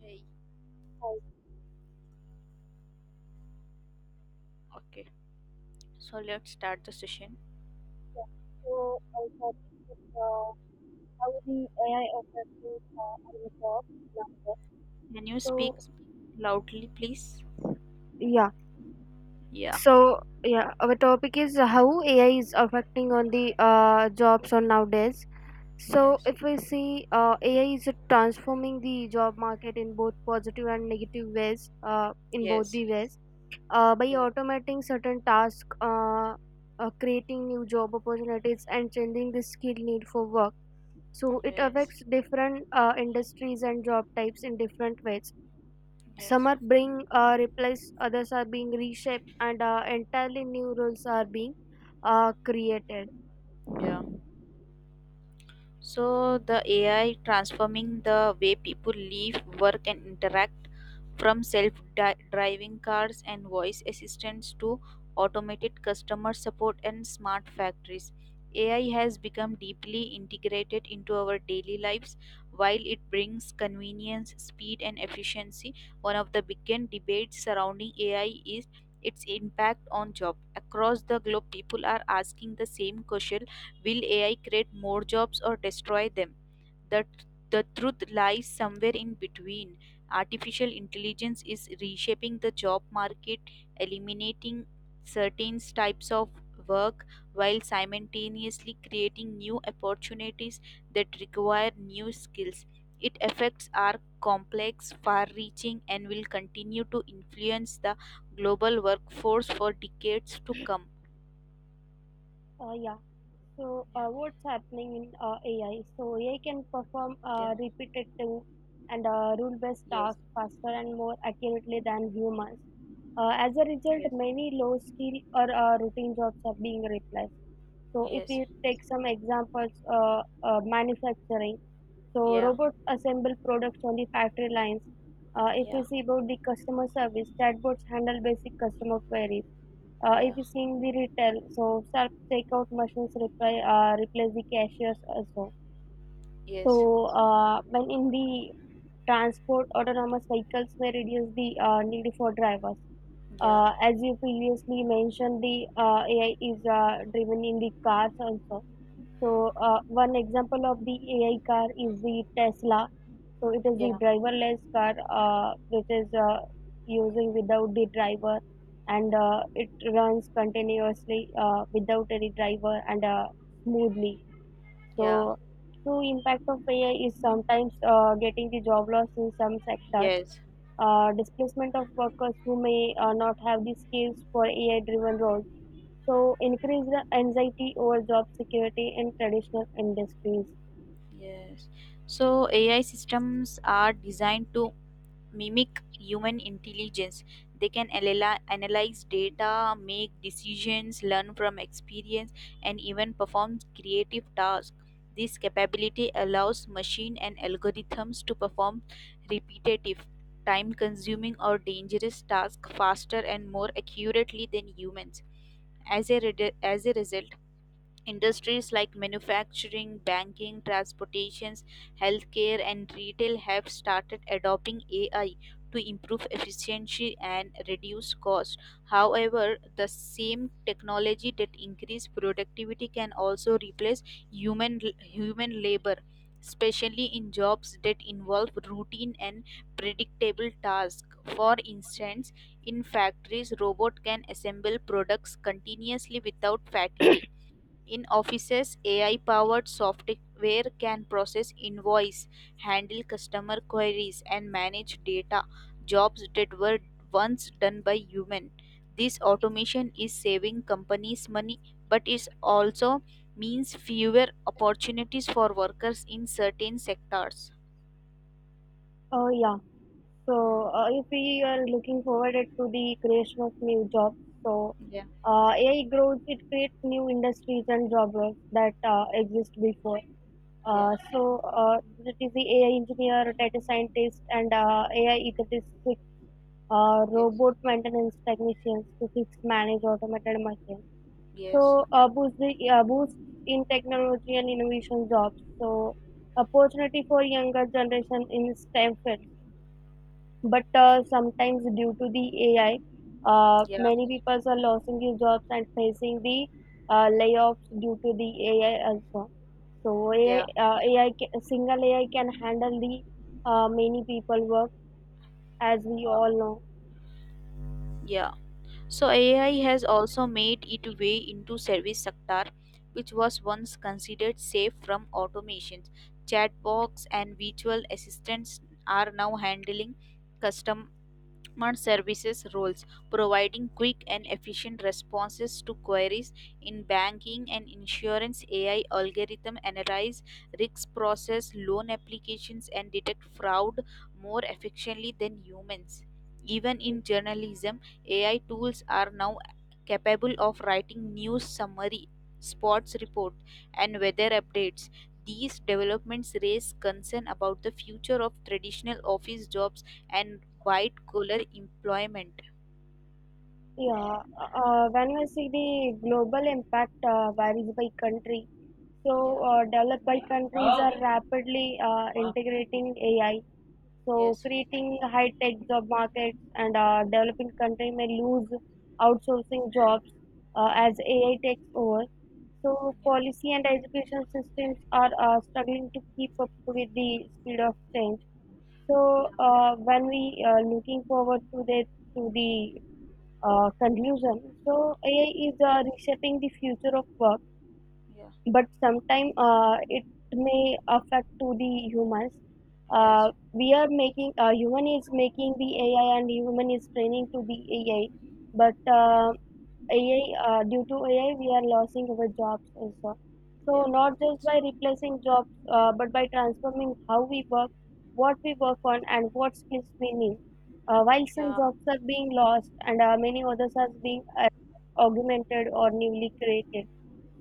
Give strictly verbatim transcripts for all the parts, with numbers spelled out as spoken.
Hey. Right, Okay, so let's start the session. yeah. So I thought uh, how the A I affects uh, our job nowadays. Can you speak So loudly, please? Yeah. Yeah. So yeah, our topic is how A I is affecting on the uh, jobs on nowadays. So Yes, if we see uh, A I is transforming the job market in both positive and negative ways. Uh, in both yes. the ways, uh, by Yeah. automating certain tasks, uh, uh, creating new job opportunities, and changing the skill need for work, so it Yes, affects different uh, industries and job types in different ways. Some yes. are being uh, replaced, others are being reshaped, and uh, entirely new roles are being uh, created. Yeah. So the A I transforming the way people live, work, and interact from self-driving cars and voice assistants to automated customer support and smart factories. A I has become deeply integrated into our daily lives. While it brings convenience, speed, and efficiency, one of the biggest debates surrounding A I is its impact on job. Across the globe, people are asking the same question: will A I create more jobs or destroy them? The, the truth lies somewhere in between. Artificial intelligence is reshaping the job market, eliminating certain types of work while simultaneously creating new opportunities that require new skills. Its effects are complex, far reaching, and will continue to influence the global workforce for decades to come. Uh, yeah. So, Yeah. uh, what's happening in uh, A I? So, A I can perform Yeah. uh, repetitive and uh, rule-based Yes. tasks faster and more accurately than humans. Uh, as a result, Yes. many low-skill or uh, routine jobs are being replaced. So, if Yes. we take some examples, uh, uh, manufacturing. So Yeah, robots assemble products on the factory lines. Uh, if yeah, we see about the customer service, chatbots handle basic customer queries. Uh, if yeah. you see in the retail, so self checkout machines reply, uh, replace the cashiers also. Yes. So uh, when in the transport, autonomous vehicles may reduce the uh, need for drivers. Yeah, Uh, as you previously mentioned, the uh, A I is uh, driven in the cars also. So, uh, one example of the A I car is the Tesla. So, it is the yeah, driverless car uh, which is uh, using without the driver and uh, it runs continuously uh, without any driver and uh, smoothly. yeah. So, true impact of A I is sometimes uh, getting the job loss in some sectors, Yes, uh, displacement of workers who may uh, not have the skills for A I driven roles, so increase the anxiety over job security in traditional industries. yes. So A I systems are designed to mimic human intelligence. They can analy- analyze data, make decisions, learn from experience, and even perform creative tasks. This capability allows machine and algorithms to perform repetitive, time consuming, or dangerous tasks faster and more accurately than humans. As a, re- as a result, industries like manufacturing, banking, transportations, healthcare, and retail have started adopting A I to improve efficiency and reduce cost. However, the same technology that increase productivity can also replace human human labor, especially in jobs that involve routine and predictable tasks. For instance, in factories, robots can assemble products continuously without fatigue. In offices, A I-powered software can process invoice, handle customer queries, and manage data, jobs that were once done by human. This automation is saving companies money, but it also means fewer opportunities for workers in certain sectors. Oh yeah. So Hmm. uh, if we are looking forward it to the creation of new jobs, so Yeah, uh, A I grows, it creates new industries and job roles that uh, exist before. yeah. Uh, so uh, it is the A I engineer, data scientist, and uh, A I ethics, uh, Yes, robot maintenance technicians to fix, manage automated machines. yes. So, uh, boost the uh, boost in technology and innovation jobs. So, opportunity for younger generation in STEM field. But uh, sometimes due to the A I, uh, Yeah, many people are losing their jobs and facing the uh, layoffs due to the A I also. So AI, yeah. Uh, AI ca- single A I can handle the uh, many people work as we uh, all know. yeah. So A I has also made its way into service sector, which was once considered safe from automations. Chatbots and virtual assistants are now handling custom customer services roles providing quick and efficient responses to queries in banking and insurance. A I algorithm analyze risks, process loan applications, and detect fraud more efficiently than humans. Even in journalism, A I tools are now capable of writing news summary, sports report, and weather updates. These developments raise concern about the future of traditional office jobs and white collar employment. Yeah, uh, when we see the global impact uh, varies by country. So, Yeah. uh, developed by countries are rapidly uh, integrating A I, so Yes. creating high-tech job markets, and uh, developing country may lose outsourcing jobs uh, as A I takes over. So, Yeah, policy and education systems are uh, struggling to keep up with the speed of change. So, yeah, uh, when we are looking forward to the to the uh, conclusion, so A I is uh, reshaping the future of work, yeah. but sometimes uh, it may affect to the humans. Yes. Uh, we are making, uh, human is making the ai and human is training to be ai, but uh, ai uh, due to ai we are losing our jobs also, so Yeah. not just So, by replacing jobs uh, but by transforming how we work, what we work on and what skills we need. Uh, while some yeah, jobs are being lost and uh, many others are being uh, augmented or newly created,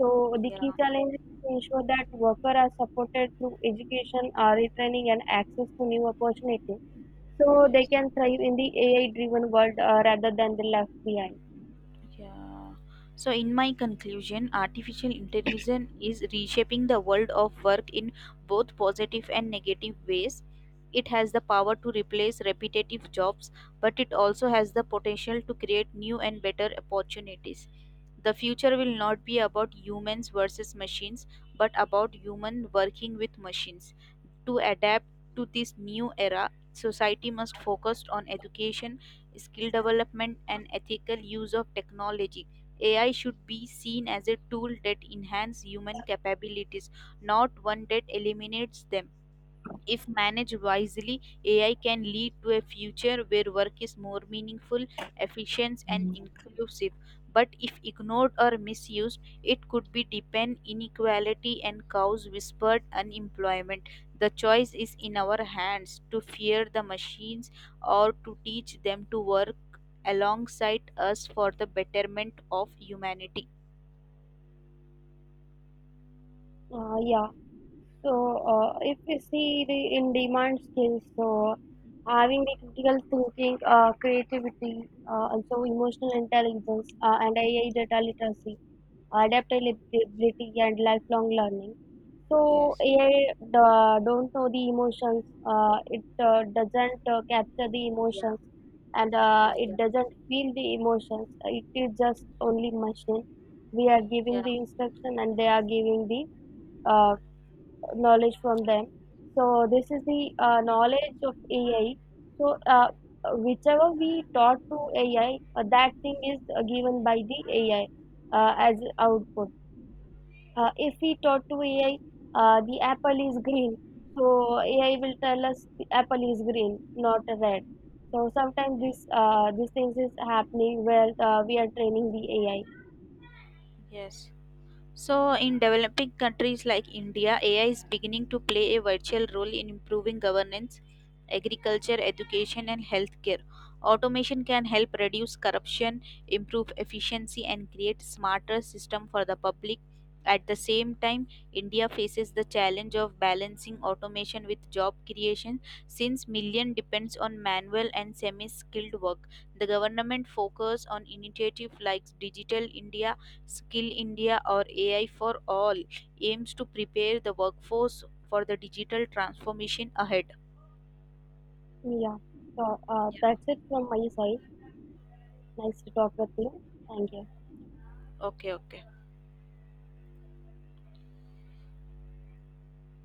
so the yeah. key challenge is to ensure that workers are supported through education, R E training, and access to new opportunities, so they Yes. can thrive in the A I-driven world uh, rather than the left behind. Yeah. So, in my conclusion, artificial intelligence is reshaping the world of work in both positive and negative ways. It has the power to replace repetitive jobs, but it also has the potential to create new and better opportunities. The future will not be about humans versus machines, but about human working with machines. To adapt to this new era, society must focus on education, skill development, and ethical use of technology. A I should be seen as a tool that enhances human capabilities, not one that eliminates them. If managed wisely, A I can lead to a future where work is more meaningful, efficient, and inclusive. But if ignored or misused, it could be deepen inequality and cause whispered unemployment. The choice is in our hands to fear the machines or to teach them to work alongside us for the betterment of humanity. Uh, yeah. So uh, if we see the in-demand skills, so having the critical thinking, uh, creativity, uh, also emotional intelligence, uh, and A I data literacy, Yeah. adaptability, and lifelong learning. So Yes. A I uh, don't know the emotions. Uh, it uh, doesn't uh, capture the Yeah. emotions, and uh, Yeah. it Yeah. doesn't feel the emotions. It is just only machine. We are giving Yeah. the instruction, and they are giving the uh, knowledge from them. So this is the uh, knowledge of A I. So uh, Whichever we taught to A I, uh, that thing is uh, given by the A I uh, as output. Uh, if we talk to A I, uh, the apple is green. So A I will tell us the apple is green, not red. So sometimes this uh, these things is happening where uh, we are training the A I. Yes. So, in developing countries like India, A I is beginning to play a vital role in improving governance, agriculture, education, and healthcare. Automation can help reduce corruption, improve efficiency, and create smarter system for the public. At the same time, India faces the challenge of balancing automation with job creation since million depends on manual and semi-skilled work. The government focus on initiatives like Digital India, Skill India, or A I for All aims to prepare the workforce for the digital transformation ahead. Yeah. So uh, Yeah. That's it from my side. Nice to talk with you. Thank you. Okay, okay.